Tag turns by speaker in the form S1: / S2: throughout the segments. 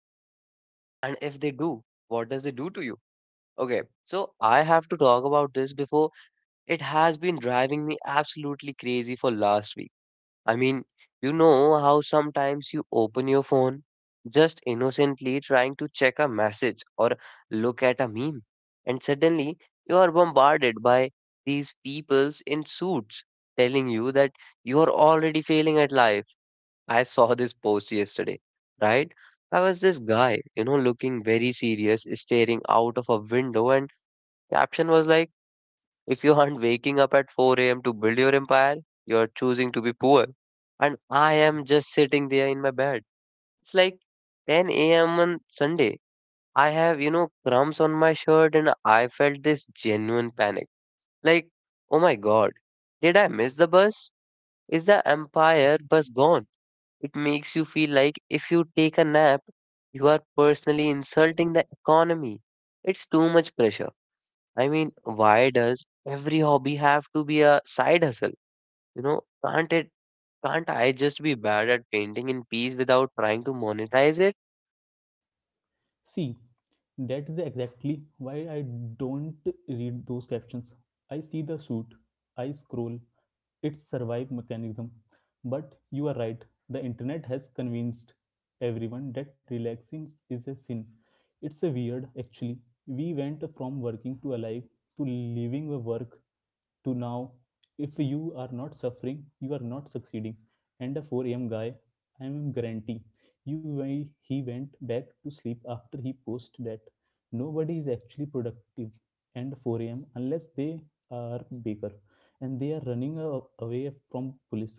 S1: that intersect? And if they do, what does it do to you? Okay, so I have to talk about this before it has been driving me absolutely crazy for last week. I mean, you know how sometimes you open your phone just innocently trying to check a message or look at a meme, and suddenly you are bombarded by these peoples in suits telling you that you are already failing at life. I saw this post yesterday, right? I was this guy, you know, looking very serious, staring out of a window, and caption was like, if you aren't waking up at 4 a.m. to build your empire, you're choosing to be poor. And I am just sitting there in my bed. It's like 10 a.m. on Sunday. I have, you know, crumbs on my shirt and I felt this genuine panic. Like, oh my god, did I miss the bus? Is the Empire bus gone? It makes you feel like if you take a nap, you are personally insulting the economy. It's too much pressure. I mean, why does every hobby have to be a side hustle? You know, can't I just be bad at painting in peace without trying to monetize it?
S2: See, that is exactly why I don't read those captions. I see the shoot, I scroll, it's survive mechanism. But you are right, the internet has convinced everyone that relaxing is a sin. It's a weird actually. We went from working to alive to leaving a work to now if you are not suffering you are not succeeding, and a 4 a.m guy, I am guarantee you he went back to sleep after he posted that. Nobody is actually productive and 4 a.m. unless they are baker and they are running away from police.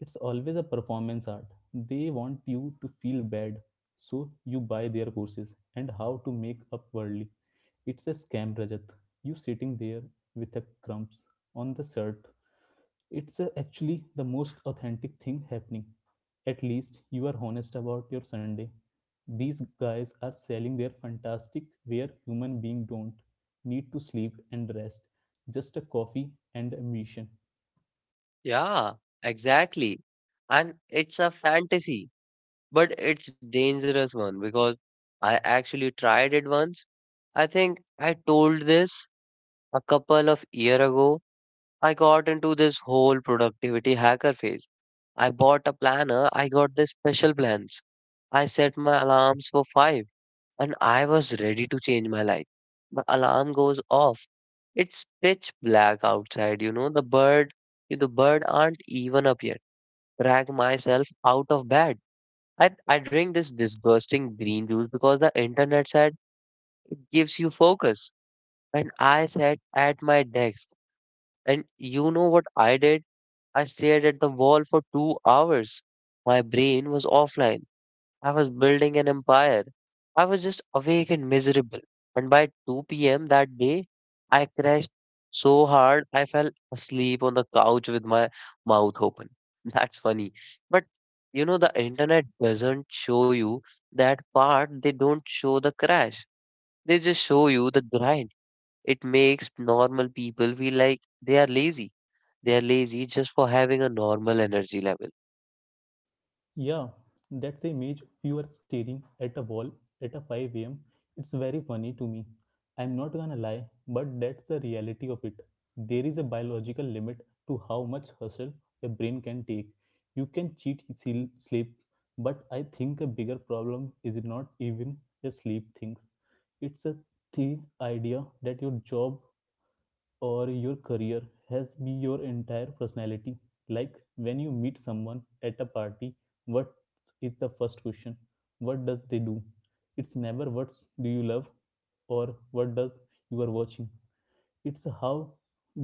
S2: It's always a performance art. They want you to feel bad, so you buy their courses and how to make up worldly. It's a scam, Rajat. You sitting there with a crumbs on the shirt, it's actually the most authentic thing happening. At least you are honest about your Sunday. These guys are selling their fantastic where human being don't need to sleep and rest, just a coffee and ambition.
S1: Yeah, exactly. And it's a fantasy, but it's dangerous one because I actually tried it once. I think I told this a couple of year ago. I got into this whole productivity hacker phase. I bought a planner, I got the special plans. I set my alarms for 5, and I was ready to change my life. The alarm goes off. It's pitch black outside, you know. The bird aren't even up yet. Drag myself out of bed. I drink this disgusting green juice because the internet said gives you focus. And I sat at my desk. And you know what I did? I stared at the wall for 2 hours. My brain was offline. I was building an empire. I was just awake and miserable. And by 2 p.m. that day, I crashed so hard I fell asleep on the couch with my mouth open. That's funny. But you know, the internet doesn't show you that part, they don't show the crash. They just show you the grind. It makes normal people feel like they are lazy. They are lazy just for having a normal energy level.
S2: Yeah, that's the image of you are staring at a wall at a 5 am. It's very funny to me. I'm not gonna lie, but that's the reality of it. There is a biological limit to how much hustle a brain can take. You can sleep, but I think a bigger problem is not even a sleep thing. It's a the idea that your job or your career has be your entire personality. Like when you meet someone at a party, what is the first question? What does they do? It's never what do you love or what does you are watching. It's how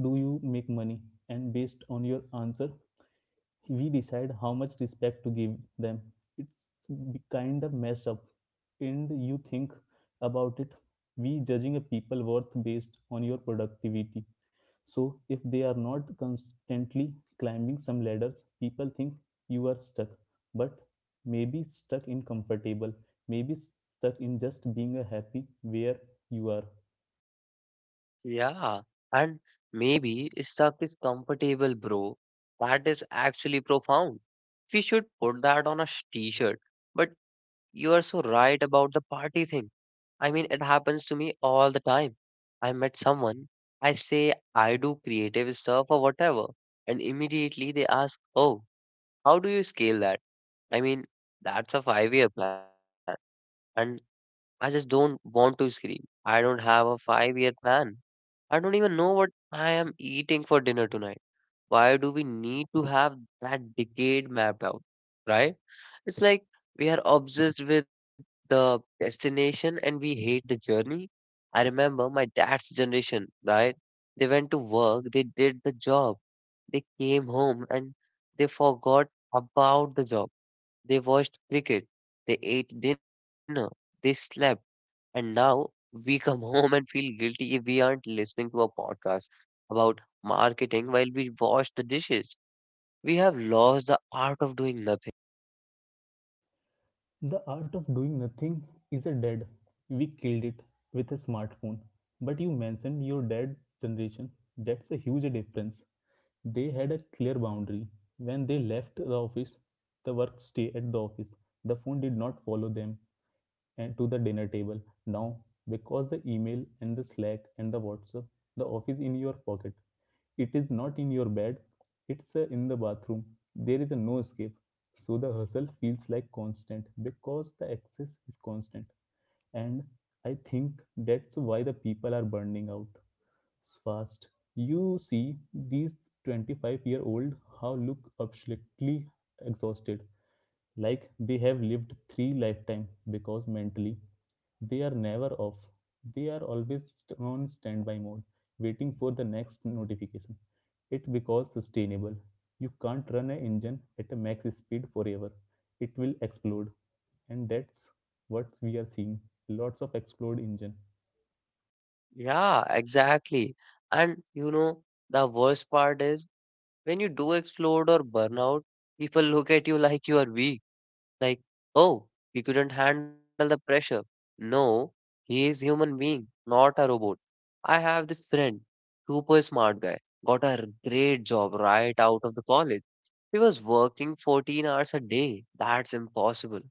S2: do you make money, and based on your answer, we decide how much respect to give them. It's kind of mess up. And you think about it, we judging a people worth based on your productivity. So if they are not constantly climbing some ladders, people think you are stuck. But maybe stuck in comfortable, maybe stuck in just being a happy where you are.
S1: Yeah, and maybe stuck is comfortable, bro. That is actually profound. We should put that on a t-shirt. But you are so right about the party thing. I mean, it happens to me all the time. I met someone, I say I do creative stuff or whatever, and immediately they ask, "Oh, how do you scale that?" I mean, that's a five-year plan, and I just don't want to scream. I don't have a five-year plan. I don't even know what I am eating for dinner tonight. Why do we need to have that decade mapped out? Right? It's like we are obsessed with the destination and we hate the journey. I remember my dad's generation, right? They went to work, they did the job, they came home and they forgot about the job. They watched cricket, they ate dinner, they slept and now we come home and feel guilty if we aren't listening to a podcast about marketing while we wash the dishes. We have lost the art of doing nothing.
S2: The art of doing nothing is a dead. We killed it with a smartphone. But you mentioned your dad's generation. That's a huge difference. They had a clear boundary. When they left the office, the work stayed at the office. The phone did not follow them and to the dinner table now, because the email and the slack and the WhatsApp, the office in your pocket, it is not in your bed, it's in the bathroom. There is a no escape, so the hustle feels like constant because the access is constant. And I think that's why the people are burning out fast. You see these 25-year-old how look absolutely exhausted, like they have lived 3 lifetime because mentally they are never off. They are always on standby mode waiting for the next notification. It becomes sustainable. You can't run an engine at a max speed forever, it will explode. And that's what we are seeing, lots of explode engine.
S1: Yeah, exactly. And you know, the worst part is when you do explode or burn out, people look at you like you are weak. Like, oh, he couldn't handle the pressure. No, he is human being, not a robot. I have this friend, super smart guy, got a great job right out of the college. He was working 14 hours a day. That's impossible.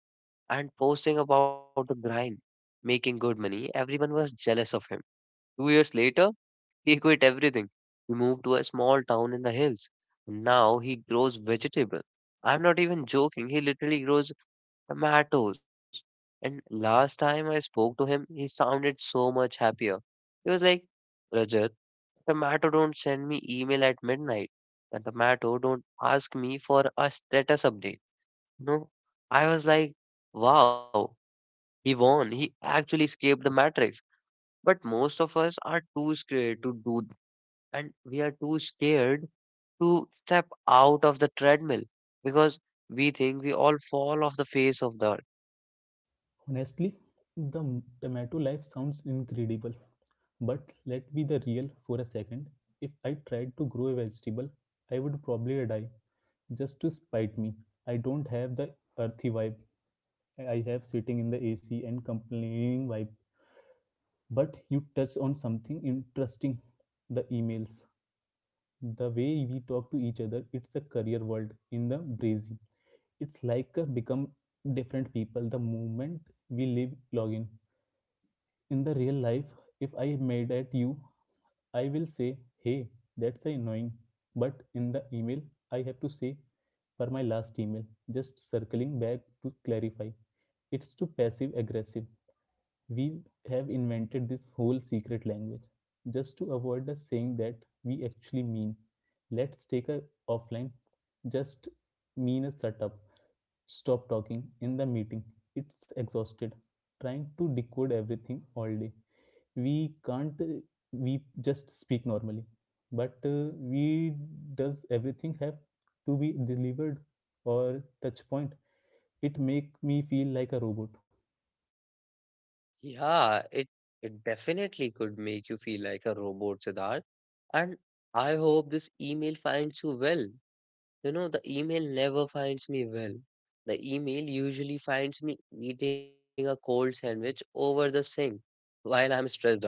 S1: And posting about the grind, making good money, everyone was jealous of him. 2 years later, he quit everything. He moved to a small town in the hills. Now he grows vegetable. I'm not even joking. He literally grows tomatoes. And last time I spoke to him, he sounded so much happier. He was like, Rajat, tomato don't send me email at midnight. The tomato don't ask me for a status update. No, I was like, wow, he won. He actually escaped the matrix. But most of us are too scared to do, and we are too scared to step out of the treadmill because we think we all fall off the face of the earth.
S2: Honestly, the tomato life sounds incredible, but let me be the real for a second. If I tried to grow a vegetable, I would probably die just to spite me. I don't have the earthy vibe, I have sitting in the AC and complaining vibe. But you touched on something interesting, the emails. The way we talk to each other, it's a career world in the breezy. It's like a become different people the moment we leave login. In the real life, if I am mad at you, I will say, hey, that's annoying. But in the email, I have to say, for my last email, just circling back to clarify. It's too passive aggressive. We have invented this whole secret language just to avoid us saying that we actually mean. Let's take a offline, just mean a setup. Stop talking in the meeting. It's exhausted. Trying to decode everything all day, we can't we just speak normally, but we does everything have to be delivered or touch point? It make me feel like a robot.
S1: Yeah, it definitely could make you feel like a robot, Siddharth. And I hope this email finds you well. You know, the email never finds me well. The email usually finds me eating a cold sandwich over the sink while I'm stressed out.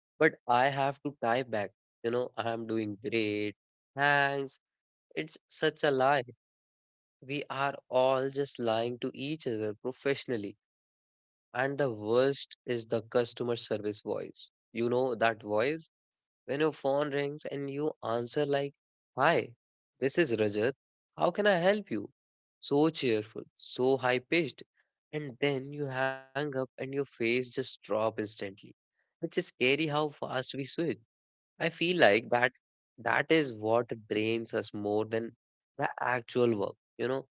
S1: But I have to type back, you know, I'm doing great. Thanks. It's such a lie. We are all just lying to each other professionally. And the worst is the customer service voice. You know that voice when your phone rings and you answer like, Hi, this is Rajat. How can I help you? So cheerful, so high pitched. And then you hang up and your face just drop instantly. It's scary how fast we switch. I feel like that is what drains us more than the actual work. You know,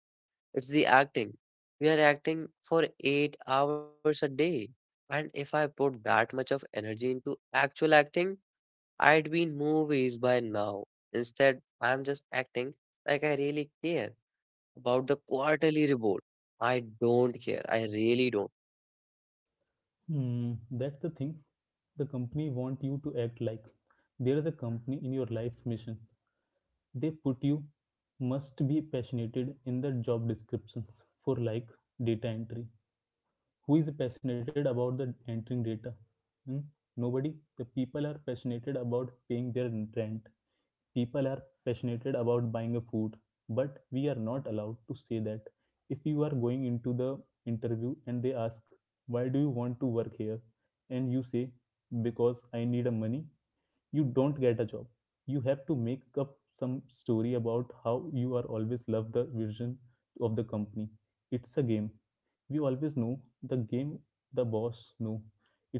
S1: it's the acting. We are acting for 8 hours a day. And if I put that much of energy into actual acting, I'd be in movies by now. Instead, I'm just acting like I really care about the quarterly report. I don't care. I really don't.
S2: Hmm, that's the thing, the company want you to act like there is a company in your life mission. They put you must be passionate in the job descriptions for like data entry. Who is passionate about the entering data? Hmm? Nobody. The people are passionate about paying their rent, people are passionate about buying a food, but we are not allowed to say that. If you are going into the interview and they ask why do you want to work here, and you say because I need a money, you don't get a job. You have to make up some story about how you are always love the vision of the company. It's a game, we always know the game, the boss know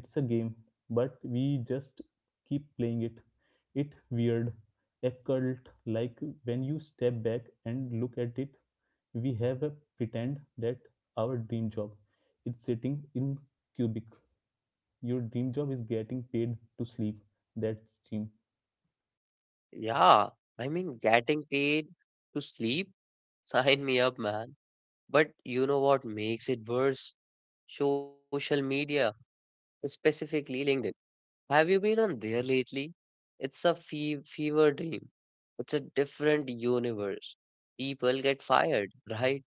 S2: it's a game, but we just keep playing it. It weird occult, like when you step back and look at it, we have a pretend that our dream job it's sitting in cubic. Your dream job is getting paid to sleep. That's dream.
S1: Yeah, I mean, getting paid to sleep? Sign me up, man. But you know what makes it worse? Social media, specifically LinkedIn. Have you been on there lately? It's a fever dream. It's a different universe. People get fired, right?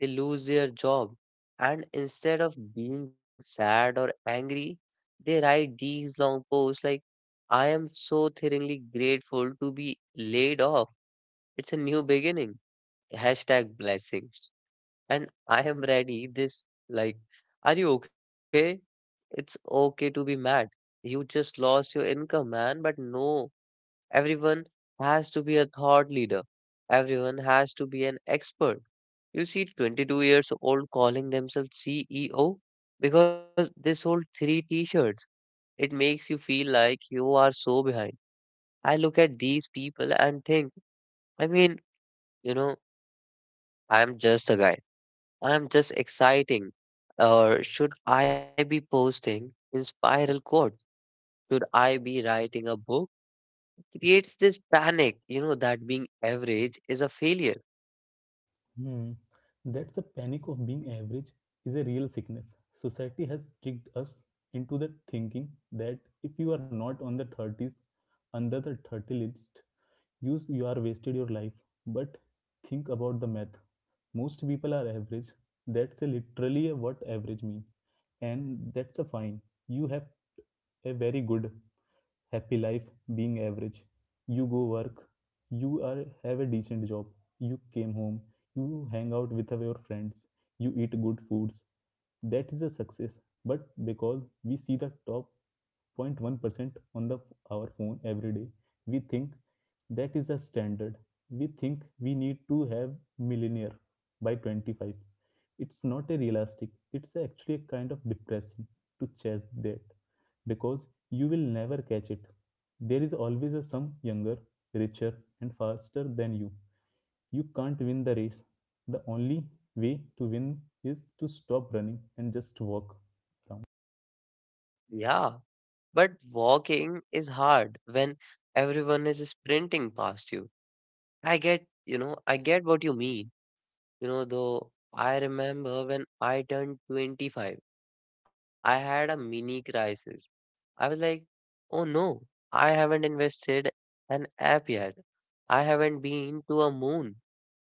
S1: They lose their job. And instead of being sad or angry, they write these long posts like, I am so thrillingly grateful to be laid off. It's a new beginning. Hashtag blessings and I am ready. This, like, are you okay? It's okay to be mad. You just lost your income, man. But no, everyone has to be a thought leader. Everyone has to be an expert. You see, 22 years old calling themselves CEO because they sold three t-shirts. It makes you feel like you are so behind. I look at these people and think, I mean, you know, I'm just a guy. I'm just exciting. Or should I be posting in spiral code? Should I be writing a book? Creates this panic, you know, that being average is a failure.
S2: Hmm. That's the panic of being average is a real sickness. Society has tricked us into the thinking that if you are not on the thirties, under the 30 list, you are wasted your life. But think about the math. Most people are average. That's a literally a what average mean. And that's a fine. You have a very good happy life being average. You go work, you are have a decent job, you came home, you hang out with your friends, you eat good foods. That is a success. But because we see the top 0.1% on the our phone every day, we think that is a standard. We think we need to have millionaire by 25. It's not a realistic. It's actually a kind of depressing to chase that, because you will never catch it. There is always a some younger, richer, and faster than you. You can't win the race. The only way to win is to stop running and just walk around.
S1: Yeah, but walking is hard when everyone is sprinting past you. I get, you know, I get what you mean. You know, though I remember when I turned 25, I had a mini crisis. I was like, oh no, I haven't invested an app yet. I haven't been to a moon.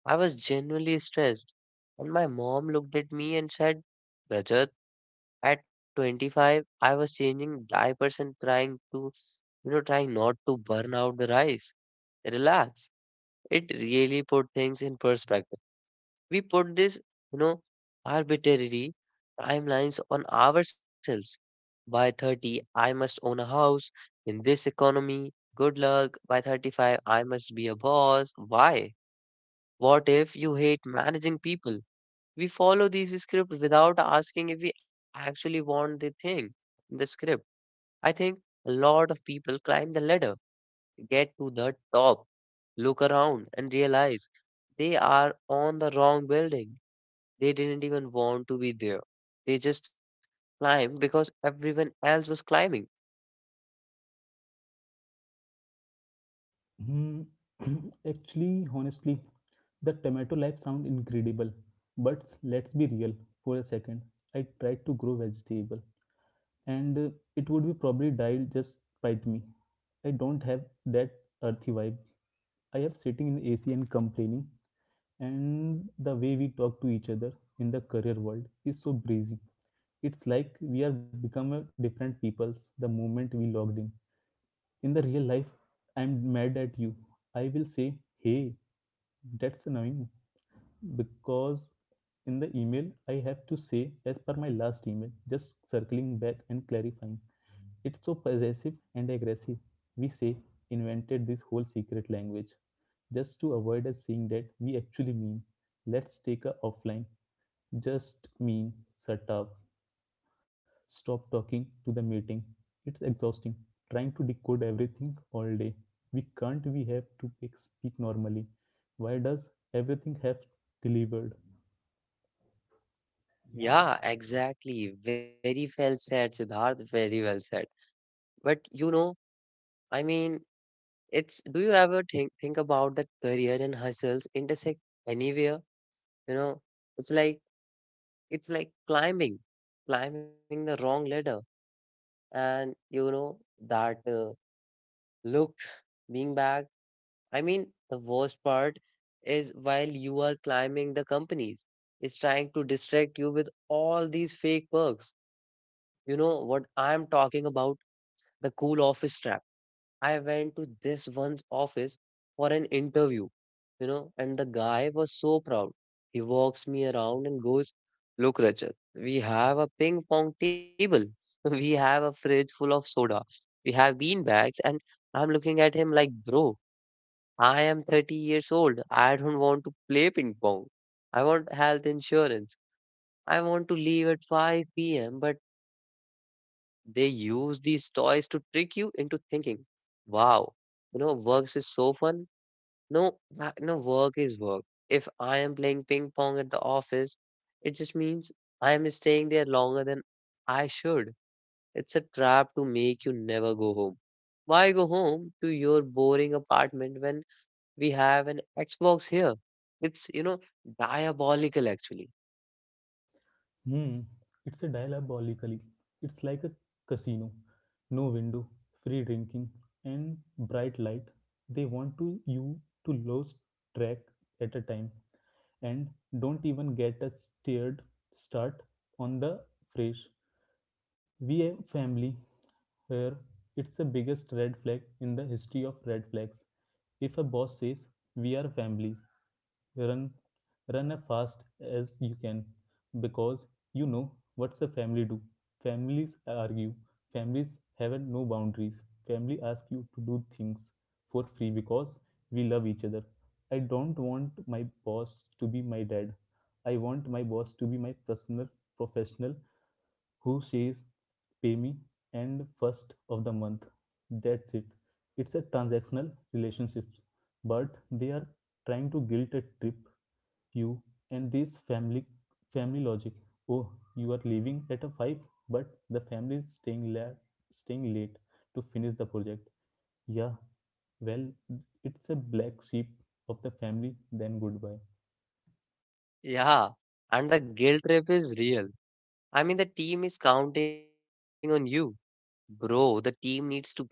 S1: I was genuinely stressed. And my mom looked at me and said, Rajat, at 25, I was changing diapers and trying to, you know, trying not to burn out the rice. Relax. It really put things in perspective. We put this, you know, arbitrary timelines on ourselves. By 30, I must own a house in this economy. Good luck. By 35, I must be a boss. Why? What if you hate managing people? We follow these scripts without asking if we actually want the thing, the script. I think a lot of people climb the ladder, get to the top, look around, and realize they are on the wrong building. They didn't even want to be there. They just climbed because everyone else was climbing.
S2: Hmm, actually, honestly, the tomato life sound incredible, but let's be real for a second. I tried to grow vegetable, and it would be probably died just spite me. I don't have that earthy vibe. I have sitting in AC and complaining, and the way we talk to each other in the career world is so breezy. It's like we are become a different peoples the moment we logged in. In the real life, I'm mad at you. I will say, hey, that's annoying. Because in the email, I have to say, as per my last email, just circling back and clarifying. It's so possessive and aggressive. We say, invented this whole secret language just to avoid us saying that we actually mean. Let's take a offline. Just mean, shut up. Stop talking to the meeting. It's exhausting. Trying to decode everything all day. We can't we have to speak normally. Why does everything have delivered?
S1: Yeah, exactly. Very well said, Siddharth. Very well said. But you know, I mean, it's do you ever think about that career and hustles intersect anywhere? You know, it's like it's like climbing, climbing the wrong ladder, and you know that look being back I mean, the worst part is while you are climbing the companies, it's trying to distract you with all these fake perks. You know what I'm talking about? The cool office trap. I went to this one's office for an interview, you know, and the guy was so proud. He walks me around and goes, Look, Rachel, we have a ping pong table. We have a fridge full of soda. We have bean bags. And I'm looking at him like, Bro, I am 30 years old. I don't want to play ping pong. I want health insurance. I want to leave at 5 p.m. But they use these toys to trick you into thinking, wow, you know, works is so fun. No, no, work is work. If I am playing ping pong at the office, it just means I am staying there longer than I should. It's a trap to make you never go home. Why go home to your boring apartment when we have an Xbox here. It's diabolical actually.
S2: Hmm. It's a diabolically. It's like a casino. No window, free drinking, and bright light. They want to you to lose track at a time, and don't even get a steered start on the fresh. We VA family here, it's the biggest red flag in the history of red flags. If a boss says we are families, run, run as fast as you can, because you know what's a family do. Families argue. Families have no boundaries. Family ask you to do things for free because we love each other. I don't want my boss to be my dad. I want my boss to be my personal professional who says pay me and 1st of the month, that's it. It's a transactional relationship, but they are trying to guilt a trip you, and this family family logic. Oh, you are leaving at a 5, but the family is staying staying late to finish the project. Yeah, well, it's a black sheep of the family, then goodbye.
S1: Yeah. And the guilt trip is real. I mean, the team is counting on you. Bro, the team needs to get alive.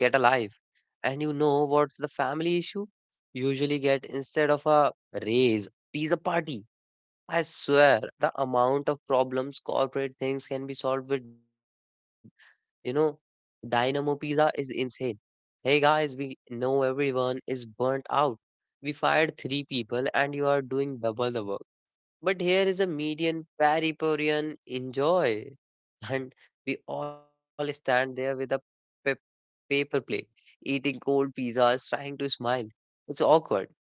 S1: And you know what's the family issue? Usually get instead of a raise, pizza party. I swear, the amount of problems corporate things can be solved with, you know, Dynamo Pizza is insane. Hey guys, we know everyone is burnt out. We fired three people and you are doing double the work. But here is a median Pariporian enjoy. And we all stand there with a paper plate, eating cold pizzas, trying to smile. It's awkward.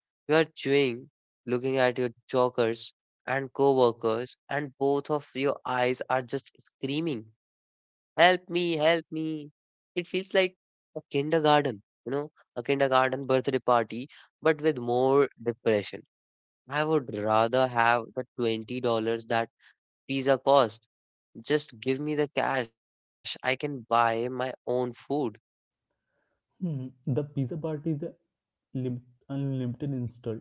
S1: You are chewing, looking at your jokers and coworkers, and both of your eyes are just screaming, help me, help me. It feels like a kindergarten, you know, a kindergarten birthday party, but with more depression. I would rather have the $20 that pizza cost. Just give me the cash. I can buy my own food.
S2: Hmm, the pizza part is a lim- unlimited install.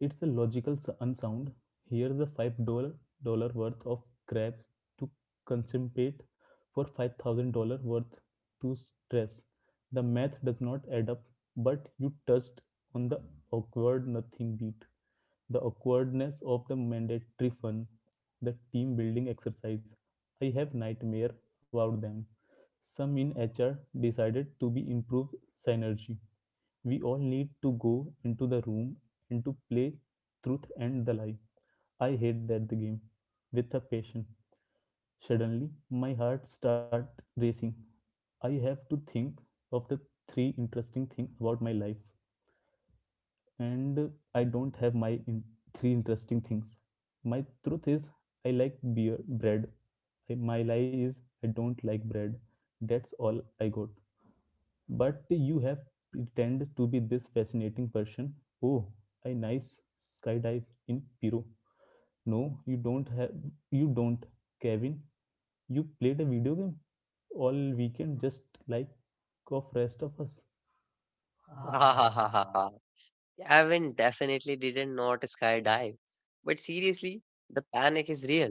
S2: It's a unsound. Here's a five-dollar dollar worth of crabs to contemplate for $5,000 worth to stress. The math does not add up, but you touched on the awkward. Nothing beat the awkwardness of the mandatory fun, the team building exercise. I have nightmare about them. Some in HR decided to be improved synergy. We all need to go into the room and to play truth and the lie. I hate that the game with a passion. Suddenly, my heart start racing. I have to think of the three interesting things about my life, and I don't have my in- three interesting things. My truth is I like beer bread. My lie is I don't like bread. That's all I got. But you have pretend to be this fascinating person. Oh, I nice skydive in Peru. No, you don't have you don't, Kevin. You played a video game all weekend just like of rest of us.
S1: Gavin definitely didn't not skydive. But seriously, the panic is real.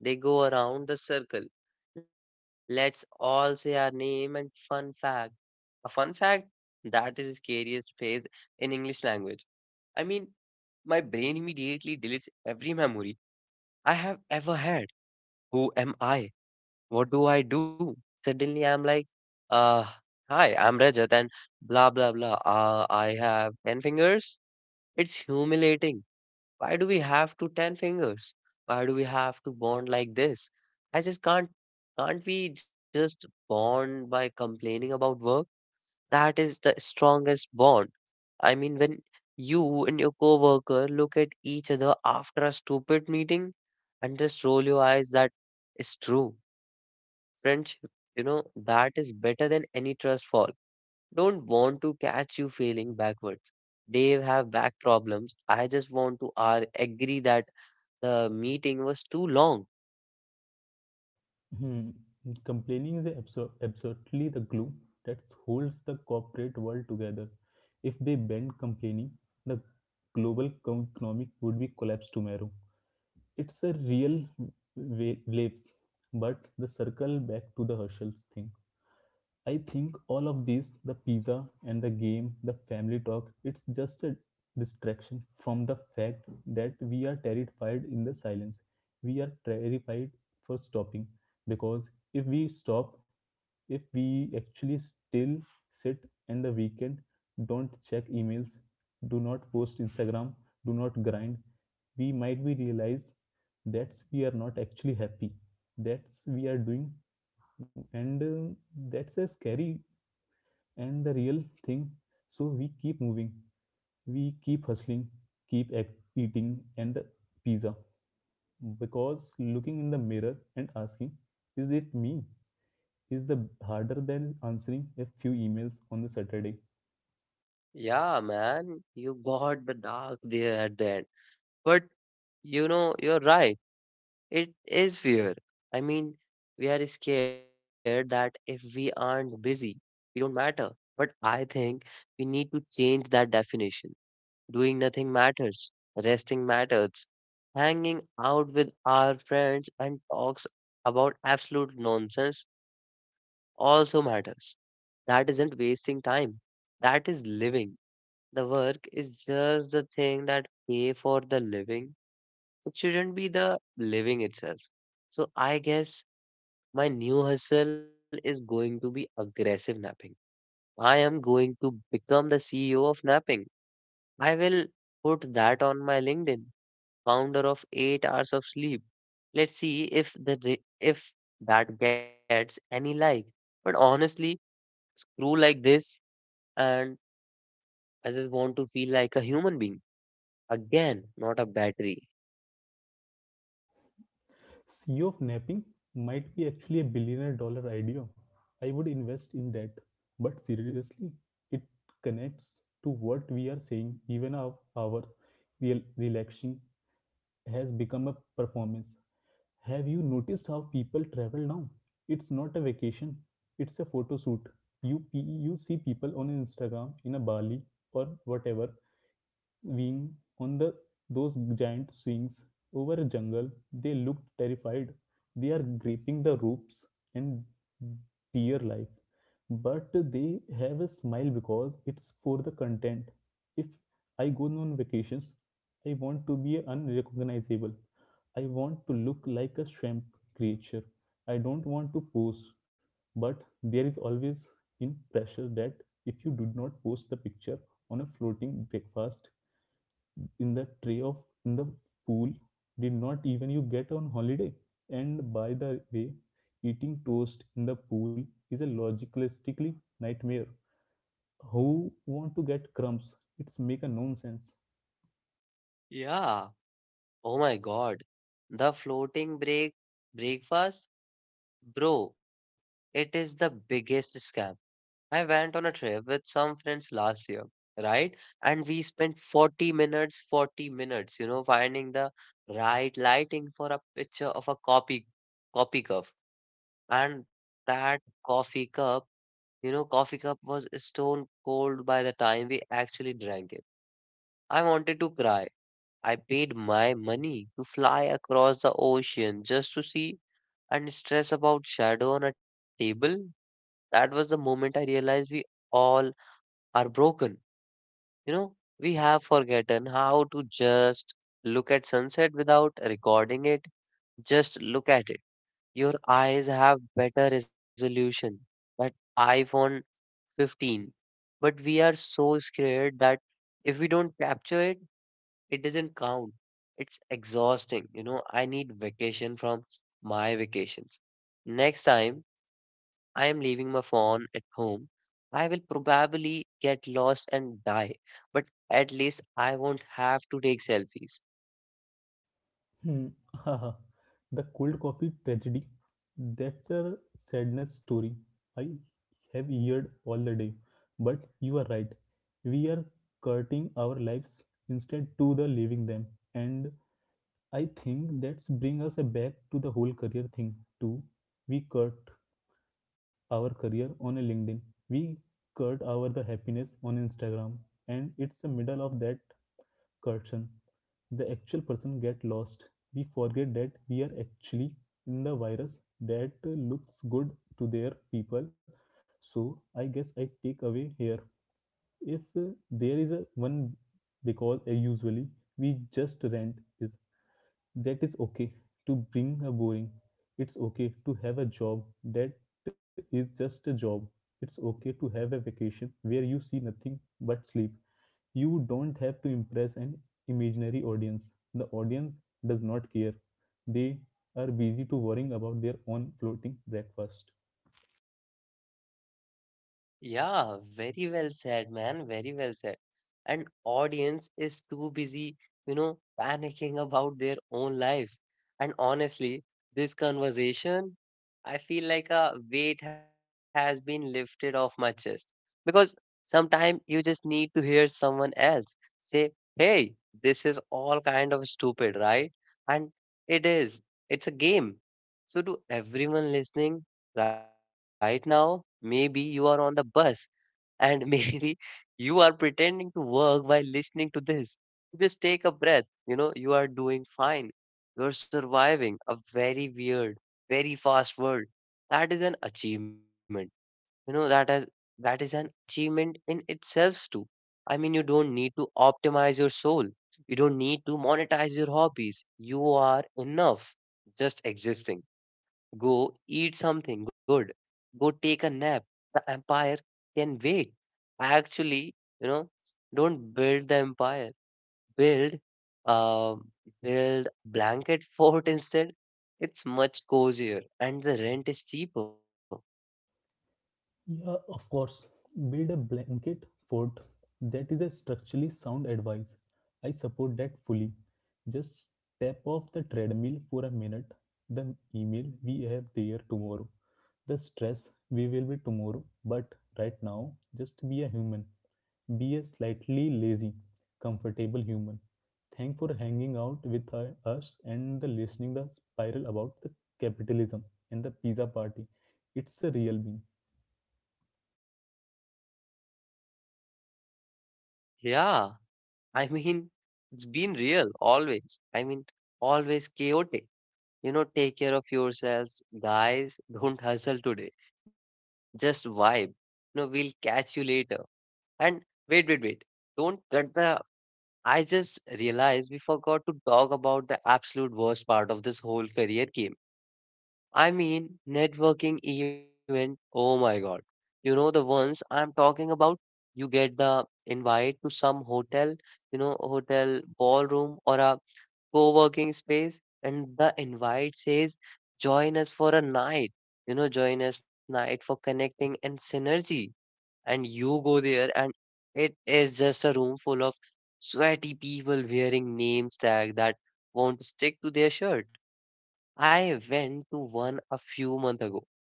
S1: They go around the circle. Let's all say our name and fun fact. A fun fact? That is the scariest phrase in English language. I mean, my brain immediately deletes every memory I have ever had. Who am I? What do I do? Suddenly I'm like, uh, hi, I'm Rajat and blah blah blah. I have 10 fingers. It's humiliating, why do we have to 10 fingers? Why do we have to bond like this? I just can't we just bond by complaining about work? That is the strongest bond. I mean, when you and your coworker look at each other after a stupid meeting and just roll your eyes, that is true. Friendship, you know, that is better than any trust fall. Don't want to catch you failing backwards. They have back problems. I just want to agree that the meeting was too long.
S2: Hmm. Complaining is absolutely the glue that holds the corporate world together. If they banned complaining, the global economic would be collapsed tomorrow. It's a real waves, but the circle back to the Herschel's thing. I think all of this, the pizza and the game, the family talk, it's just a distraction from the fact that we are terrified in the silence. We are terrified for stopping because if we stop, if we actually still sit in the weekend, don't check emails, do not post Instagram, do not grind, we might be realize that's we are not actually happy that's we are doing, and that's a scary and the real thing. So we keep moving, we keep hustling, keep eating and the pizza, because looking in the mirror and asking is it me is the harder than answering a few emails on the Saturday.
S1: Yeah, man, you got the dark there at the end. But you know, you're right. It is fear. I mean, we are scared that if we aren't busy, we don't matter. But I think we need to change that definition. Doing nothing matters, resting matters, hanging out with our friends and talks about absolute nonsense also matters. That isn't wasting time. That is living. The work is just the thing that pay for the living. It shouldn't be the living itself. So I guess my new hustle is going to be aggressive napping. I am going to become the CEO of napping. I will put that on my LinkedIn, founder of 8 hours of sleep. Let's see if the if that gets any like. But honestly, screw like this and I just want to feel like a human being again, not a battery.
S2: CEO of napping might be actually a billionaire dollar idea. I would invest in that. But seriously, it connects to what we are saying. Even our real relaxing has become a performance. Have you noticed how people travel now? It's not a vacation, it's a photo shoot. You see people on Instagram in a Bali or whatever wing on the those giant swings over a jungle. They looked terrified. They are gripping the ropes and dear life. But they have a smile because it's for the content. If I go on vacations, I want to be unrecognizable. I want to look like a swamp creature. I don't want to pose. But there is always in pressure that if you do not post the picture on a floating breakfast, in the tray of in the pool, did not even you get on holiday. And by the way, eating toast in the pool is a logistically nightmare. Who want to get crumbs? It's make a nonsense.
S1: Yeah. Oh my God. The floating breakfast, bro. It is the biggest scam. I went on a trip with some friends last year, right? And we spent 40 minutes, 40 minutes, finding the right lighting for a picture of a copy coffee cup. And that coffee cup, coffee cup was stone cold by the time we actually drank it. I wanted to cry. I paid my money to fly across the ocean just to see and stress about shadow on a table. That was the moment I realized we all are broken. You know, we have forgotten how to just look at sunset without recording it. Just look at it. Your eyes have better resolution. That iPhone 15. But we are so scared that if we don't capture it, it doesn't count. It's exhausting, you know, I need vacation from my vacations. Next time I am leaving my phone at home. I will probably get lost and die, but at least I won't have to take selfies.
S2: Hmm. The cold coffee tragedy, that's a sadness story I have heard all the day. But you are right, we are cutting our lives instead to the living them. And I think that's bring us back to the whole career thing too. We cut our career on a LinkedIn. We cut our the happiness on Instagram, and it's the middle of that curtain. The actual person get lost. We forget that we are actually in the virus that looks good to their people. So I guess I take away here. If there is a one, because usually we just rent is that is okay to bring a boring. It's okay to have a job that is just a job. It's okay to have a vacation where you see nothing but sleep. You don't have to impress an imaginary audience. The audience does not care, they are busy to worrying about their own floating breakfast.
S1: Yeah, very well said, man. Very well said. And audience is too busy, panicking about their own lives. And honestly, this conversation, I feel like a weight has been lifted off my chest. Because sometimes you just need to hear someone else say, "Hey, this is all kind of stupid, right?" And it is. It's a game. So to everyone listening right now, maybe you are on the bus and maybe you are pretending to work while listening to this. Just take a breath. You know, you are doing fine. You're surviving a very weird, very fast world. That is an achievement. You know, that is an achievement in itself too. I mean, you don't need to optimize your soul. You don't need to monetize your hobbies. You are enough just existing. Go eat something good. Go take a nap. The empire can wait. Actually, you know, don't build the empire. Build, um, build blanket fort instead. It's much cozier and the rent is cheaper.
S2: Yeah, of course. Build a blanket fort. That is a structurally sound advice. I support that fully. Just step off the treadmill for a minute. The email we have there tomorrow. The stress we will be tomorrow. But right now, just be a human. Be a slightly lazy, comfortable human. Thank for hanging out with us and the listening the spiral about the capitalism and the pizza party. It's a real bean.
S1: Yeah, I mean, it's been real always. I mean, always chaotic. You know, take care of yourselves, guys. Don't hustle today. Just vibe. No, we'll catch you later. And wait. Don't cut the. I just realized we forgot to talk about the absolute worst part of this whole career game. I mean, networking event. Oh my God. You know, the ones I'm talking about, you get the invite to some hotel, hotel ballroom or a co working space, and the invite says, join us for a night, join us night for connecting and synergy and you go there and it is just a room full of sweaty people wearing name tag that won't stick to their shirt. I went to one a few months ago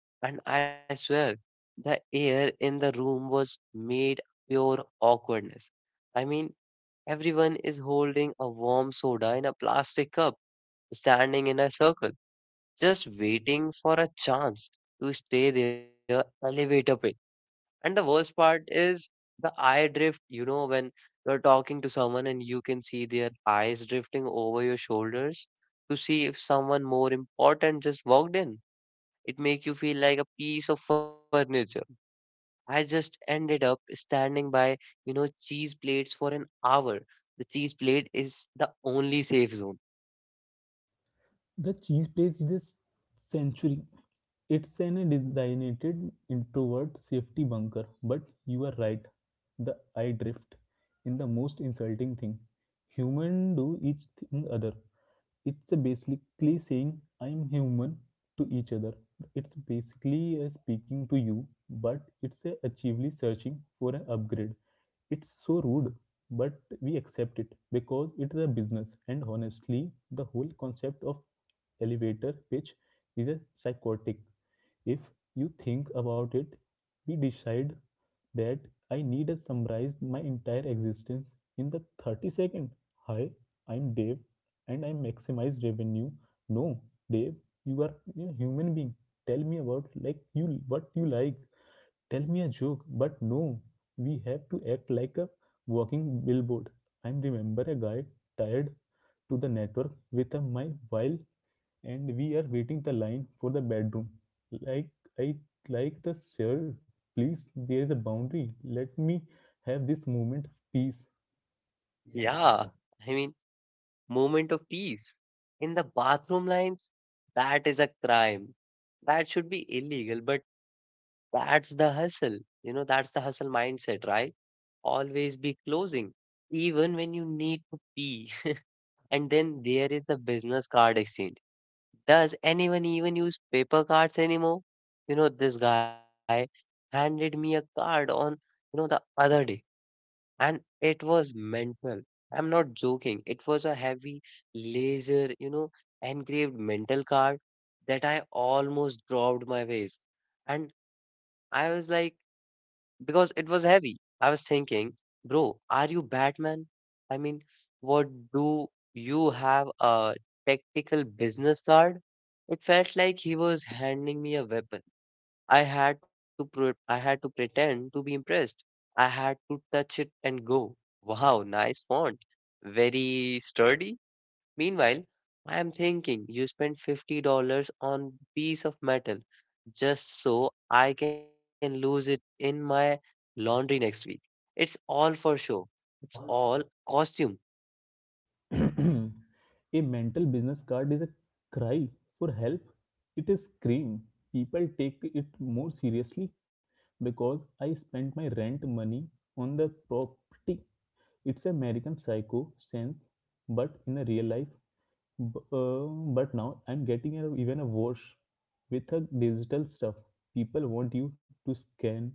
S1: and I swear the air in the room was made pure awkwardness. I mean, everyone is holding a warm soda in a plastic cup, standing in a circle, just waiting for a chance to stay their elevator pitch. And the worst part is the eye drift, when you're talking to someone and you can see their eyes drifting over your shoulders to see if someone more important just walked in. It make you feel like a piece of furniture. I just ended up standing by, cheese plates for an hour. The cheese plate is the only safe zone.
S2: The cheese plays this century. It's an designated introvert safety bunker, but you are right. The I drift in the most insulting thing. Human do each thing other. It's a basically saying I'm human to each other. It's basically a speaking to you, but it's a actively searching for an upgrade. It's so rude, but we accept it because it is a business. And honestly, the whole concept of elevator pitch is a psychotic. If you think about it, we decide that I need to summarize my entire existence in the 30 second. Hi, I'm Dave and I maximize revenue. No, Dave, you are a human being. Tell me about like you what you like. Tell me a joke, but no, we have to act like a walking billboard. I remember a guy tied to the network with a my while, and we are waiting the line for the bedroom. Like I like the sir, please there is a boundary. Let me have this moment of peace.
S1: Yeah, I mean, moment of peace. In the bathroom lines, that is a crime that should be illegal but that's the hustle. You know, that's the hustle mindset, right? Always be closing, even when you need to pee. And then there is the business card exchange. Does anyone even use paper cards anymore? You know, this guy handed me a card on the other day, and it was mental. I'm not joking. It was a heavy laser, engraved mental card that I almost dropped my waist, and I was like, because it was heavy. I was thinking, bro, are you Batman? I mean, what do you have a tactical business card? It felt like he was handing me a weapon. I had to pretend to be impressed. I had to touch it and go, wow, nice font, very sturdy. Meanwhile, I am thinking you spent $50 on piece of metal just so I can lose it in my laundry next week. It's all for show. It's all costume.
S2: A mental business card is a cry for help. It is scream. People take it more seriously because I spent my rent money on the property. It's American psycho sense, but in a real life. B- uh, but now I'm getting a, even a worse with a digital stuff. People want you to scan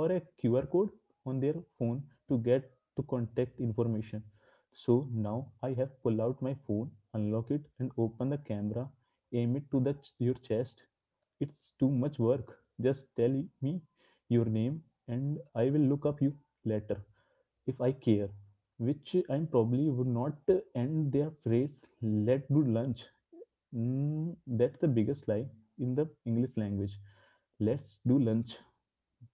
S2: or a QR code on their phone to get to contact information. So now I have pulled out my phone, unlock it, and open the camera. Aim it to the your chest. It's too much work. Just tell me your name, and I will look up you later if I care. Which I probably would not end their phrase. Let us do lunch. Mm, that's the biggest lie in the English language. Let's do lunch.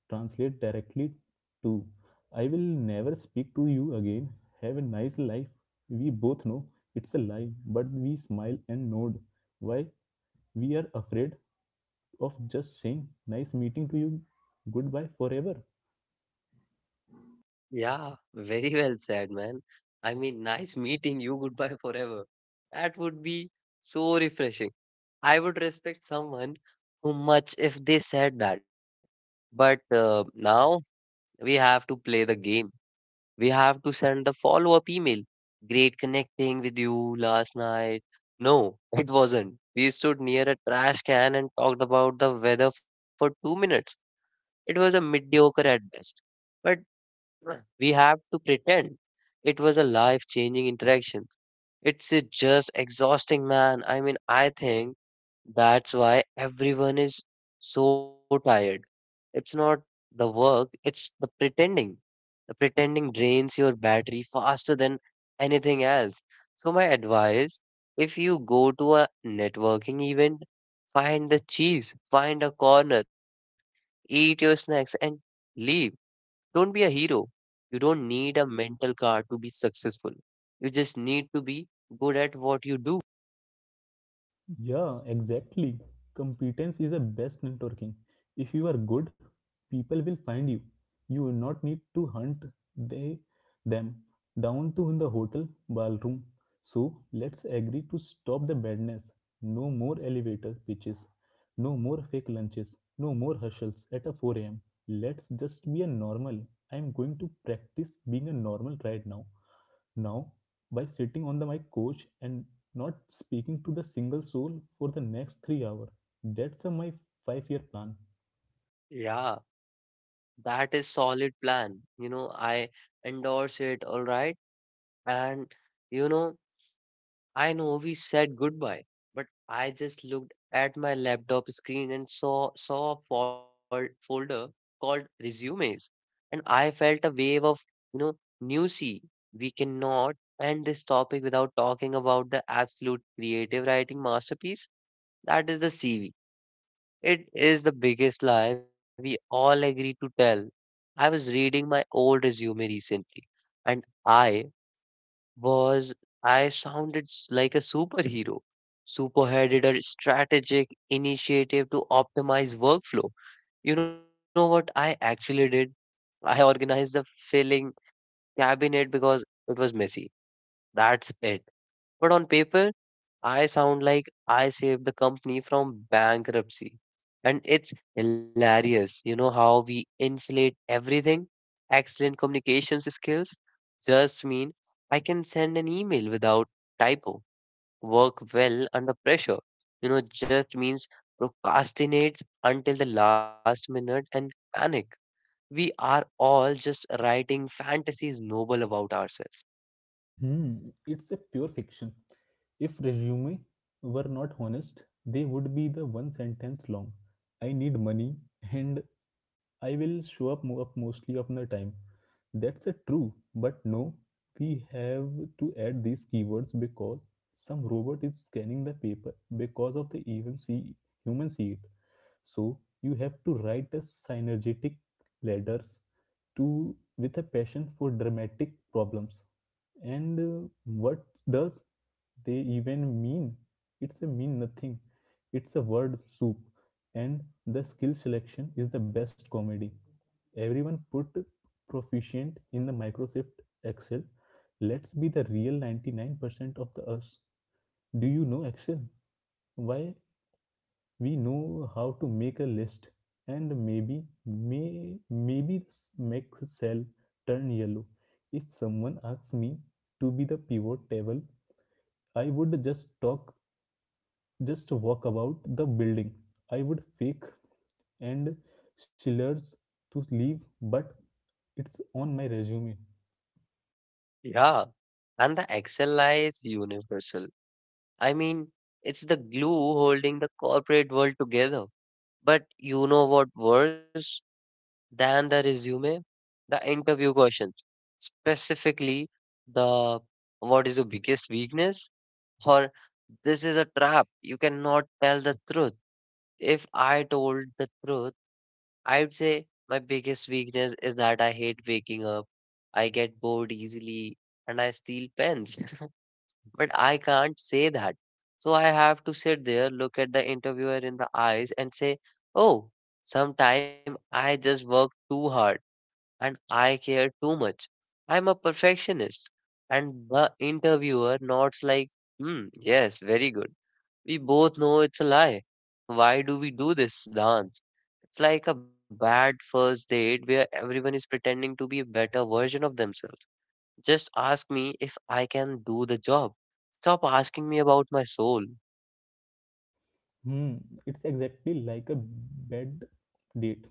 S2: Translate directly to I will never speak to you again. Have a nice life. We both know it's a lie, but we smile and nod. Why? We are afraid of just saying nice meeting to you. Goodbye forever.
S1: Yeah, very well said, man. I mean, nice meeting you. Goodbye forever. That would be so refreshing. I would respect someone so much if they said that. But now we have to play the game. We have to send the follow up email. Great connecting with you last night. No, it wasn't. We stood near a trash can and talked about the weather for 2 minutes. It was a mediocre at best. But we have to pretend it was a life changing interaction. It's just exhausting, man. I mean, I think that's why everyone is so tired. It's not the work, it's the pretending. The pretending drains your battery faster than anything else. So, my advice if you go to a networking event, find the cheese, find a corner, eat your snacks, and leave. Don't be a hero. You don't need a mental card to be successful. You just need to be good at what you do.
S2: Yeah, exactly. Competence is the best networking. If you are good, people will find you. You will not need to hunt they them down to in the hotel ballroom. So let's agree to stop the badness. No more elevator pitches. No more fake lunches. No more hustles at a 4 a.m. Let's just be a normal. I'm going to practice being a normal right now. Now by sitting on my couch and not speaking to the single soul for the next 3 hours. That's my 5 year plan.
S1: Yeah. That is solid plan. You know, I endorse it, all right. And you know, I know we said goodbye, but I just looked at my laptop screen and saw a folder called resumes, and I felt a wave of, you know, newsy. We cannot end this topic without talking about the absolute creative writing masterpiece that is the CV. It is the biggest lie we all agree to tell. I was reading my old resume recently, and was, I sounded like a superhero. Superheaded a strategic initiative to optimize workflow. You know what I actually did? I organized the filling cabinet because it was messy. That's it. But on paper, I sound like I saved the company from bankruptcy. And it's hilarious, how we inflate everything. Excellent communications skills just mean I can send an email without typo, work well under pressure. Just means procrastinates until the last minute and panic. We are all just writing fantasies noble about ourselves.
S2: Hmm, it's a pure fiction. If resume were not honest, they would be the one sentence long. I need money and I will show up, up mostly of the time. That's a true, but no, we have to add these keywords because some robot is scanning the paper because of the even see human see it. So you have to write a synergetic ladders to with a passion for dramatic problems. And what does they even mean? It's a mean nothing. It's a word soup. And the skill selection is the best comedy. Everyone put proficient in the Microsoft Excel. Let's be the real 99% of the us. Do you know Excel? Why we know how to make a list and maybe make the cell turn yellow. If someone asks me to be the pivot table, I would just walk about the building. I would fake and schillers to leave, but it's on my resume.
S1: Yeah. And the Excel lie is universal. I mean, it's the glue holding the corporate world together. But you know what worse than the resume? The interview questions. Specifically, the what is your biggest weakness? Or this is a trap. You cannot tell the truth. If I told the truth, I'd say my biggest weakness is that I hate waking up. I get bored easily and I steal pens. But I can't say that. So I have to sit there, look at the interviewer in the eyes, and say, oh, sometime I just work too hard and I care too much. I'm a perfectionist. And the interviewer nods like, hmm, yes, very good. We both know it's a lie. Why do we do this dance? It's like a bad first date where everyone is pretending to be a better version of themselves. Just ask me if I can do the job. Stop asking me about my soul.
S2: Hmm, it's exactly like a bad date.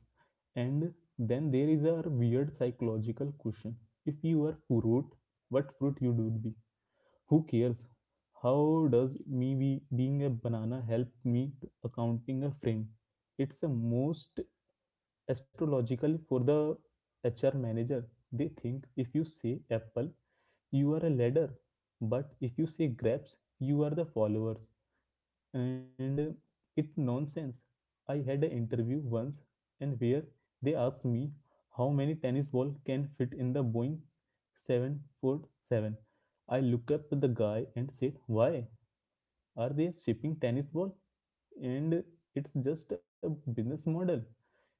S2: And then there is a weird psychological question: if you were fruit, what fruit you would be? Who cares? How does being a banana help me to accounting a frame? It's a most astrological for the HR manager. They think if you say apple, you are a leader, but if you say grapes, you are the followers. And it's nonsense. I had an interview once and where they asked me how many tennis balls can fit in the Boeing 747. I look up at the guy and said, "Why are they shipping tennis ball? And it's just a business model."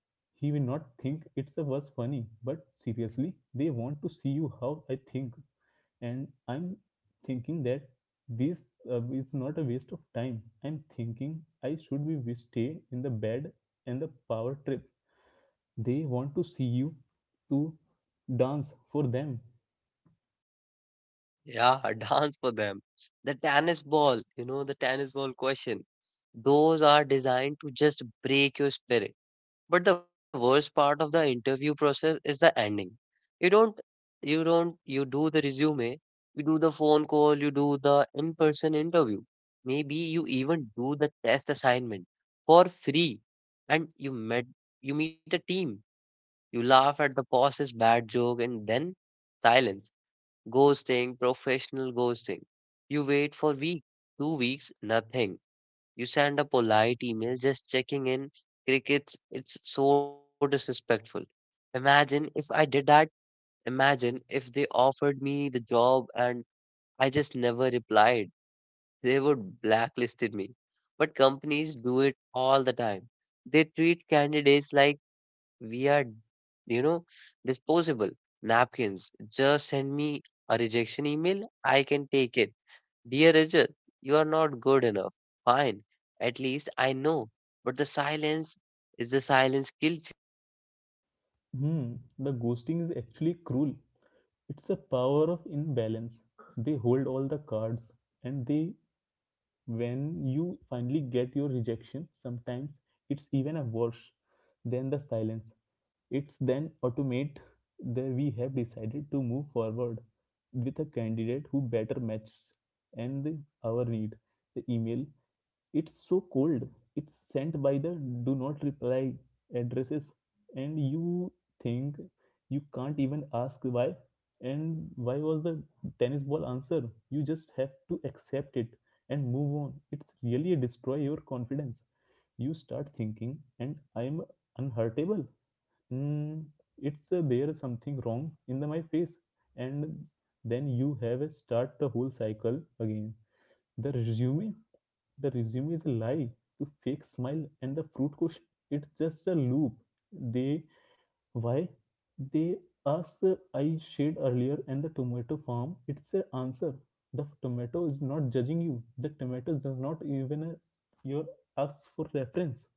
S2: He will not think it's a was funny, but seriously, they want to see you how I think. And I'm thinking that this is not a waste of time. I'm thinking I should be stay in the bed. And the power trip, they want to see you to dance for them.
S1: Yeah, dance for them. The tennis ball, the tennis ball question. Those are designed to just break your spirit. But the worst part of the interview process is the ending. You don't, you don't, you do the resume, you do the phone call, you do the in person interview. Maybe you even do the test assignment for free and you meet a team. You laugh at the boss's bad joke and then silence. Ghosting, professional ghosting. You wait for week, 2 weeks, nothing. You send a polite email just checking in. Crickets, it's so disrespectful. Imagine if I did that. Imagine if they offered me the job and I just never replied they would blacklisted me. But companies do it all the time. They treat candidates like we are, you know, disposable napkins. Just send me a rejection email. I can take it. Dear Rajat, you are not good enough. Fine. At least I know. But the silence kills
S2: Hmm, the ghosting is actually cruel. It's a power of imbalance. They hold all the cards. And they when you finally get your rejection sometimes, it's even a worse than the silence. It's then automate that we have decided to move forward with a candidate who better matches and our need. The email, it's so cold. It's sent by the do not reply addresses. And you think you can't even ask why, and why was the tennis ball answer. You just have to accept it and move on. It's really destroy your confidence. You start thinking and I'm unhurtable. Mm, it's there is something wrong in my face. And then you have a start the whole cycle again. The resume, the resume is a lie. The fake smile and the fruit cushion, it's just a loop. They why they asked the I shade earlier, and the tomato farm, it's a answer. The tomato is not judging you. The tomato does not even your ask for reference.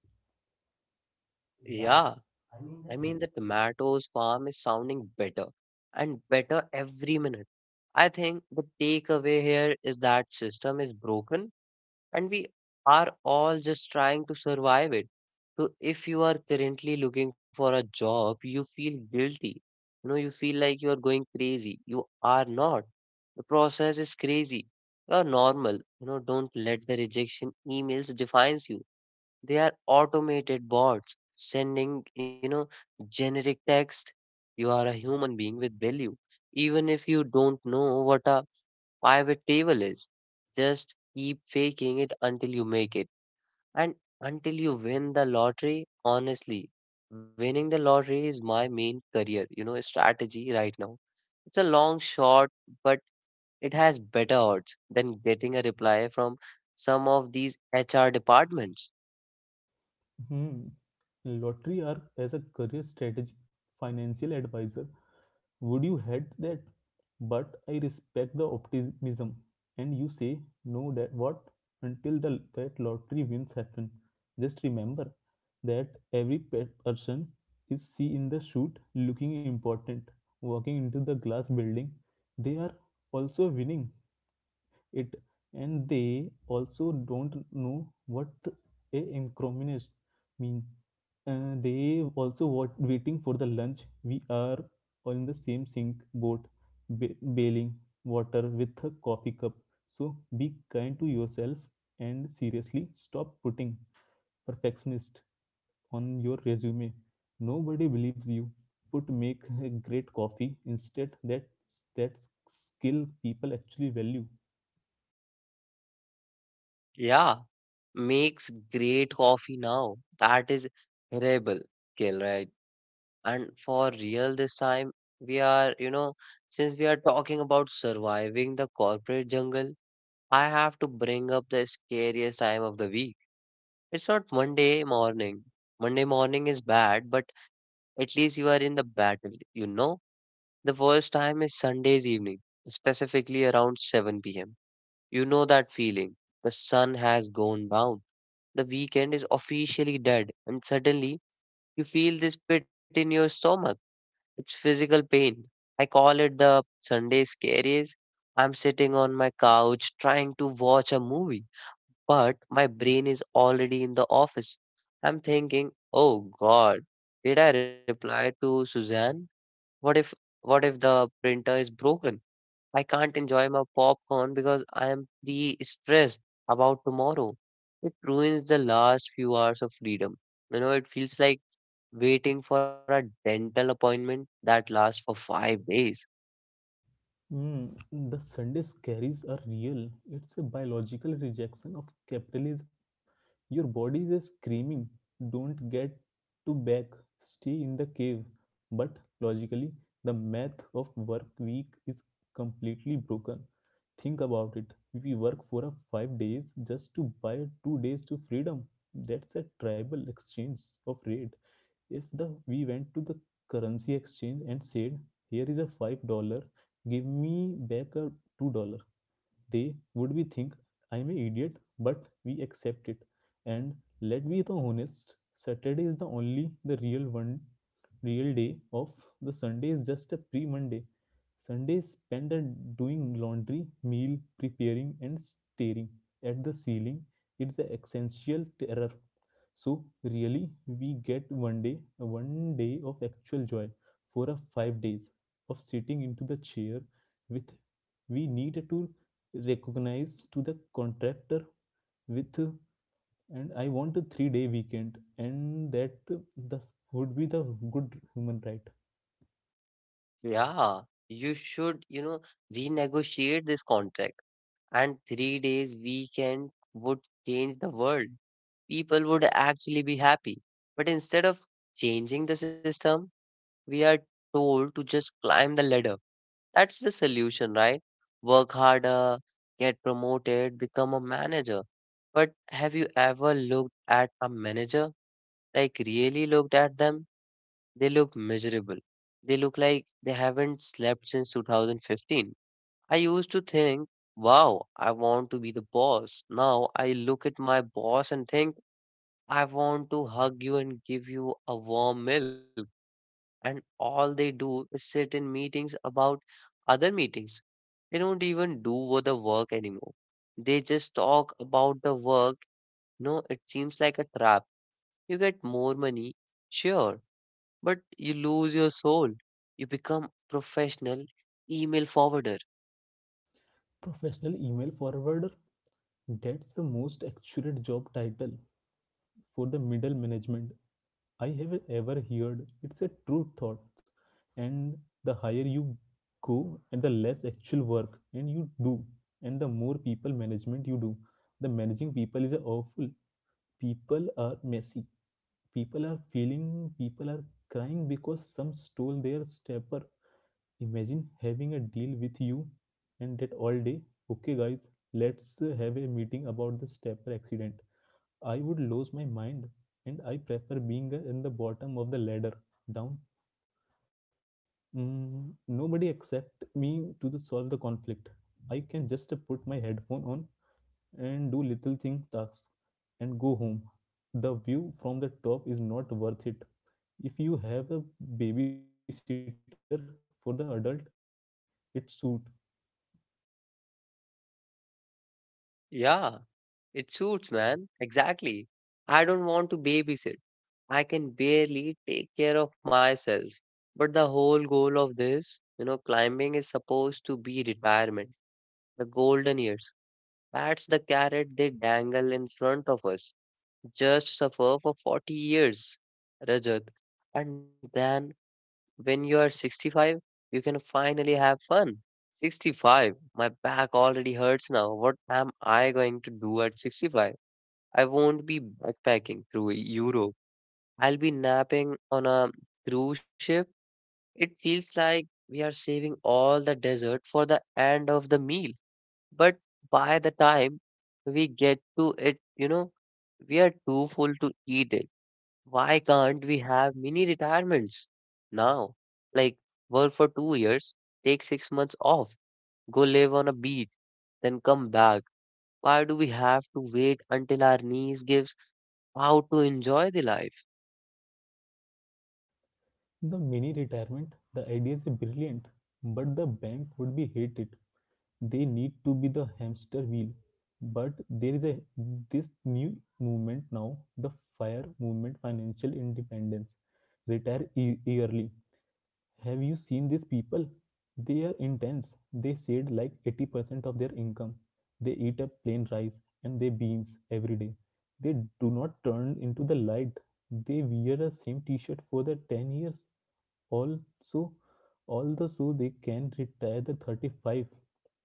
S1: you. Yeah. The tomatoes farm is sounding better and better every minute. I think the takeaway here is that system is broken and we are all just trying to survive it. So if you are currently looking for a job, you feel guilty. You feel like you are going crazy. You are not. The process is crazy. You are normal. Don't let the rejection emails defines you. They are automated bots sending, generic text. You are a human being with value even if you don't know what a pivot table is, just keep faking it until you make it and until you win the lottery. Honestly, winning the lottery is my main career, strategy right now. It's a long shot, but it has better odds than getting a reply from some of these HR departments.
S2: Hmm. Lottery arc as a career strategy, financial advisor. Would you had that? But I respect the optimism. And you say, no, that what? Until the, that lottery wins happen. Just remember that every person is see in the shoot looking important, walking into the glass building. They are also winning it. And they also don't know what a incrimination mean they also were waiting for the lunch. We are on the same sink boat, bailing water with a coffee cup. So be kind to yourself and seriously stop putting perfectionist on your resume. Nobody believes you. Put make a great coffee instead. That skill people actually value.
S1: Yeah. Makes great coffee now. That is rebel kill, right? And for real this time, we are, you know, since we are talking about surviving the corporate jungle, I have to bring up the scariest time of the week. It's not Monday morning. Monday morning is bad, but at least you are in the battle, you know? The worst time is Sunday's evening, specifically around 7 pm. You know that feeling. The sun has gone down, the weekend is officially dead, and suddenly you feel this pit in your stomach. It's physical pain. I call it the Sunday scaries. I'm sitting on my couch trying to watch a movie, but my brain is already in the office. I'm thinking, oh God, did I reply to Suzanne? What if what if the printer is broken? I can't enjoy my popcorn because I am pre stressed about tomorrow. It ruins the last few hours of freedom. It feels like waiting for a dental appointment that lasts for 5 days.
S2: Mm, the Sunday scaries are real. It's a biological rejection of capitalism. Your body is screaming, don't get to back, stay in the cave. But logically, the math of work week is completely broken. Think about it. We work for a 5 days just to buy 2 days to freedom. That's a tribal exchange of rate. If the we went to the currency exchange and said, "Here is a $5, give me back a $2." They would be think I'm an idiot, but we accept it. And let be the honest, Saturday is the only the real one real day of. The Sunday is just a pre-Monday. Sunday is spent at doing laundry, meal preparing, and staring at the ceiling. It's the essential terror. So really, we get one day of actual joy for a 5 days of sitting into the chair with we need to recognized to the contractor with and I want a 3 day weekend and that this would be the good human right.
S1: Yeah, you should, renegotiate this contract. And 3 days weekend would change the world. People would actually be happy. But instead of changing the system, we are told to just climb the ladder. That's the solution, right? Work harder, get promoted, become a manager. But have you ever looked at a manager? Like, really looked at them? They look miserable. They look like they haven't slept since 2015. I used to think, wow, I want to be the boss. Now I look at my boss and think, I want to hug you and give you a warm milk. And all they do is sit in meetings about other meetings. They don't even the work anymore. They just talk about the work. No, it seems like a trap. You get more money, sure, but you lose your soul. You become professional email forwarder.
S2: Professional email forwarder, that's the most accurate job title for the middle management I have ever heard. It's a true thought. And the higher you go and the less actual work and you do and the more people management you do, the managing people is awful. People are messy. People are feeling. People are crying because some stole their stepper. Imagine having a deal with you and that all day. Okay guys, let's have a meeting about the stepper accident. I would lose my mind. And I prefer being in the bottom of the ladder down. Mm, nobody except me to the solve the conflict. I can just put my headphone on and do little thing tasks and go home. The view from the top is not worth it. If you have a babysitter for the adult, it suit.
S1: Yeah, it suits, man. Exactly. I don't want to babysit. I can barely take care of myself. But the whole goal of this, climbing is supposed to be retirement, the golden years. That's the carrot they dangle in front of us. Just suffer for 40 years, Rajat. And then when you are 65, you can finally have fun. 65, my back already hurts now. What am I going to do at 65? I won't be backpacking through Europe. I'll be napping on a cruise ship. It feels like we are saving all the dessert for the end of the meal. But by the time we get to it, we are too full to eat it. Why can't we have mini retirements now? Like work for 2 years, take 6 months off, go live on a beach, then come back. Why do we have to wait until our knees gives out to enjoy the life?
S2: The mini retirement, the idea is brilliant, but the bank would be hated. They need to be the hamster wheel. But there is a this new movement now, the FIRE movement, financial independence. Early. Have you seen these people? They are intense. They saved like 80% of their income. They eat up plain rice and they beans every day. They do not turn into the light. They wear the same t-shirt for the 10 years. Also, all the so they can retire the 35,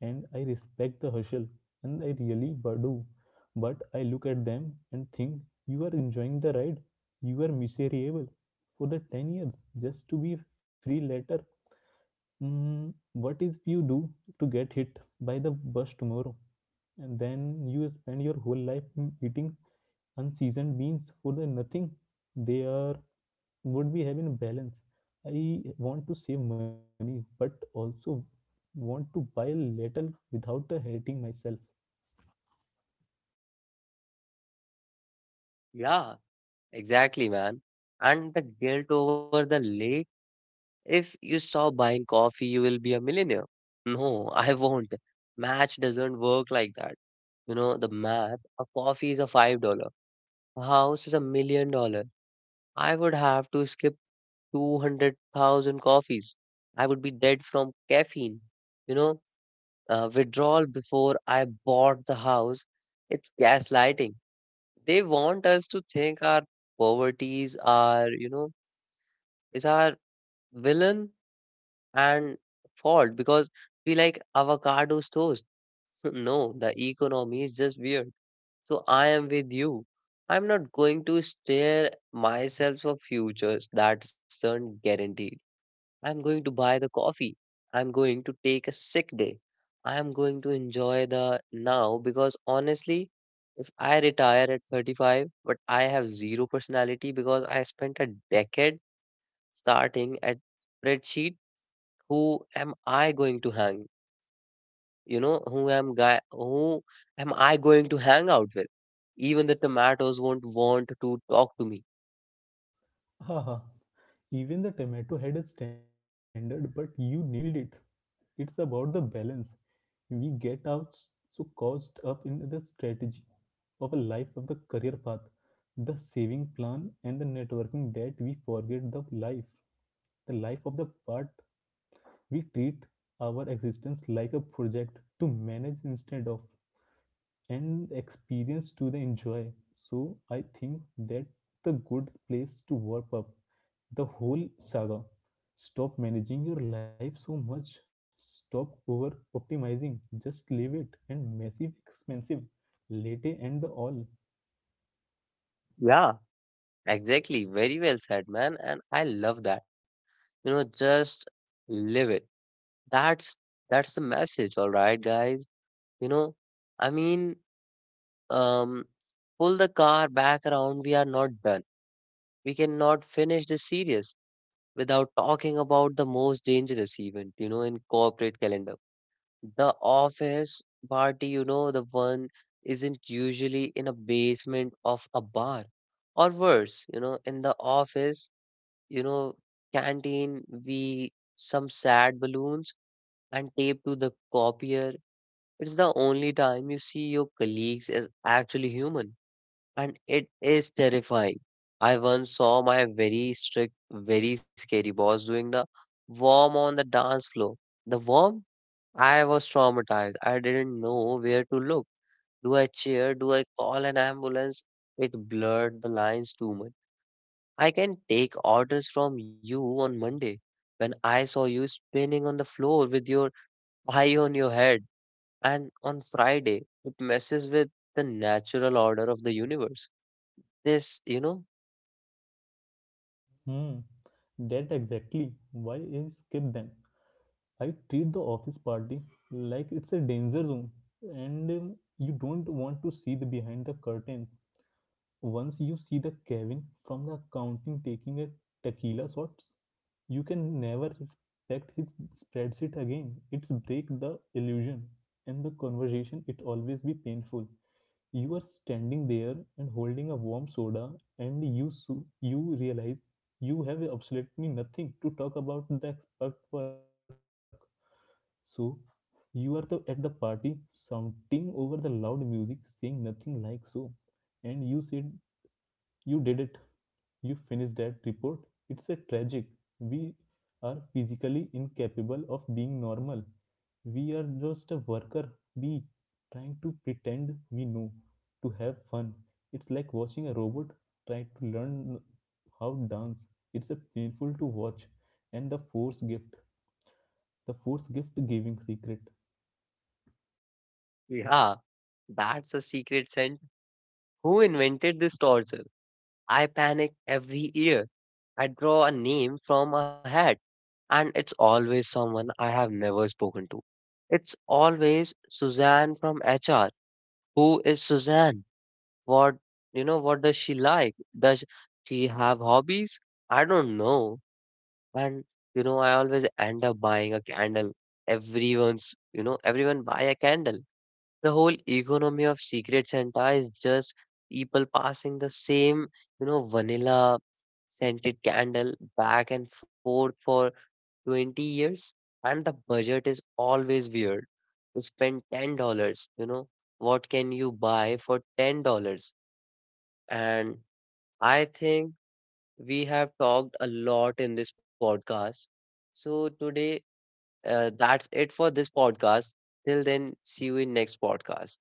S2: and I respect the hustle and I really do. But I look at them and think you are enjoying the ride. You are miserable for the 10 years just to be free later. Mm, what is you do to get hit by the bus tomorrow and then you spend your whole life mm, eating unseasoned beans for the nothing. They are would be having a balance. I want to save money but also want to buy a little without hating myself.
S1: Yeah, exactly, man. And the guilt over the if you stop buying coffee, you will be a millionaire. No, I won't. Math doesn't work like that. You know, the math, a coffee is a $5. A house is $1 million. I would have to skip 200,000 coffees. I would be dead from caffeine. You know, withdrawal before I bought the house. It's gaslighting. They want us to think our poverty is our villain and fault because we like avocados toast. No, the economy is just weird. So I am with you. I'm not going to stare myself for futures that aren't guaranteed. I'm going to buy the coffee. I'm going to take a sick day. I'm going to enjoy the now because honestly, if I retire at 35, but I have zero personality because I spent a decade starting at spreadsheet, who am I going to hang? You know, who am guy? Who am I going to hang out with? Even the tomatoes won't want to talk to me.
S2: Haha. Even the tomato had a standard, but you nailed it. It's about the balance. We get out so caught up in the strategy of a life of the career path, the saving plan, and the networking that we forget the life of the part. We treat our existence like a project to manage instead of and experience to the enjoy. So I think that the good place to warp up the whole saga. Stop managing your life so much. Stop over optimizing. Just leave it and massive expensive. Latte and the all.
S1: Yeah, exactly. Very well said, man. And I love that. Just live it. That's that's the message, all right, guys. You know, I mean, um, pull the car back around. We are not done. We cannot finish this series without talking about the most dangerous event, in corporate calendar. The office party, the one isn't usually in a basement of a bar or worse, in the office, canteen, we some sad balloons and tape to the copier. It's the only time you see your colleagues as actually human, and it is terrifying. I once saw my very strict, very scary boss doing the worm on the dance floor. The worm? I was traumatized. I didn't know where to look. Do I cheer? Do I call an ambulance? It blurred the lines too much. I can take orders from you on Monday. When I saw you spinning on the floor with your eye on your head, and on Friday, it messes with the natural order of the universe. This, you know,
S2: Hmm. That exactly why I skip them. I treat the office party like it's a danger zone and you don't want to see the behind the curtains. Once you see the Kevin from the accounting taking a tequila shots, you can never respect his spreadsheet again. It's break the illusion. And the conversation, it always be painful. You are standing there and holding a warm soda, and you so you realize you have absolutely nothing to talk about the expert work. So you are the, at the party shouting over the loud music, saying nothing like so, and you said you did it you finish that report. It's a tragic. We are physically incapable of being normal. We are just a worker bee trying to pretend we know to have fun. It's like watching a robot try to learn how to dance. It's a painful to watch. And the force gift giving secret.
S1: yeah, that's a secret scent. Who invented this torture? I panic every year. I draw a name from a hat, and it's always someone I have never spoken to. It's always Suzanne from HR. Who is Suzanne? What you know? What does she like? Does she have hobbies? I don't know. And I always end up buying a candle. Everyone buy a candle, the whole economy of secret Santa is just people passing the same, vanilla scented candle back and forth for 20 years, and the budget is always weird. You spend $10, you know, what can you buy for $10? And I think we have talked a lot in this podcast. So today, that's it for this podcast. Till then, see you in next podcast.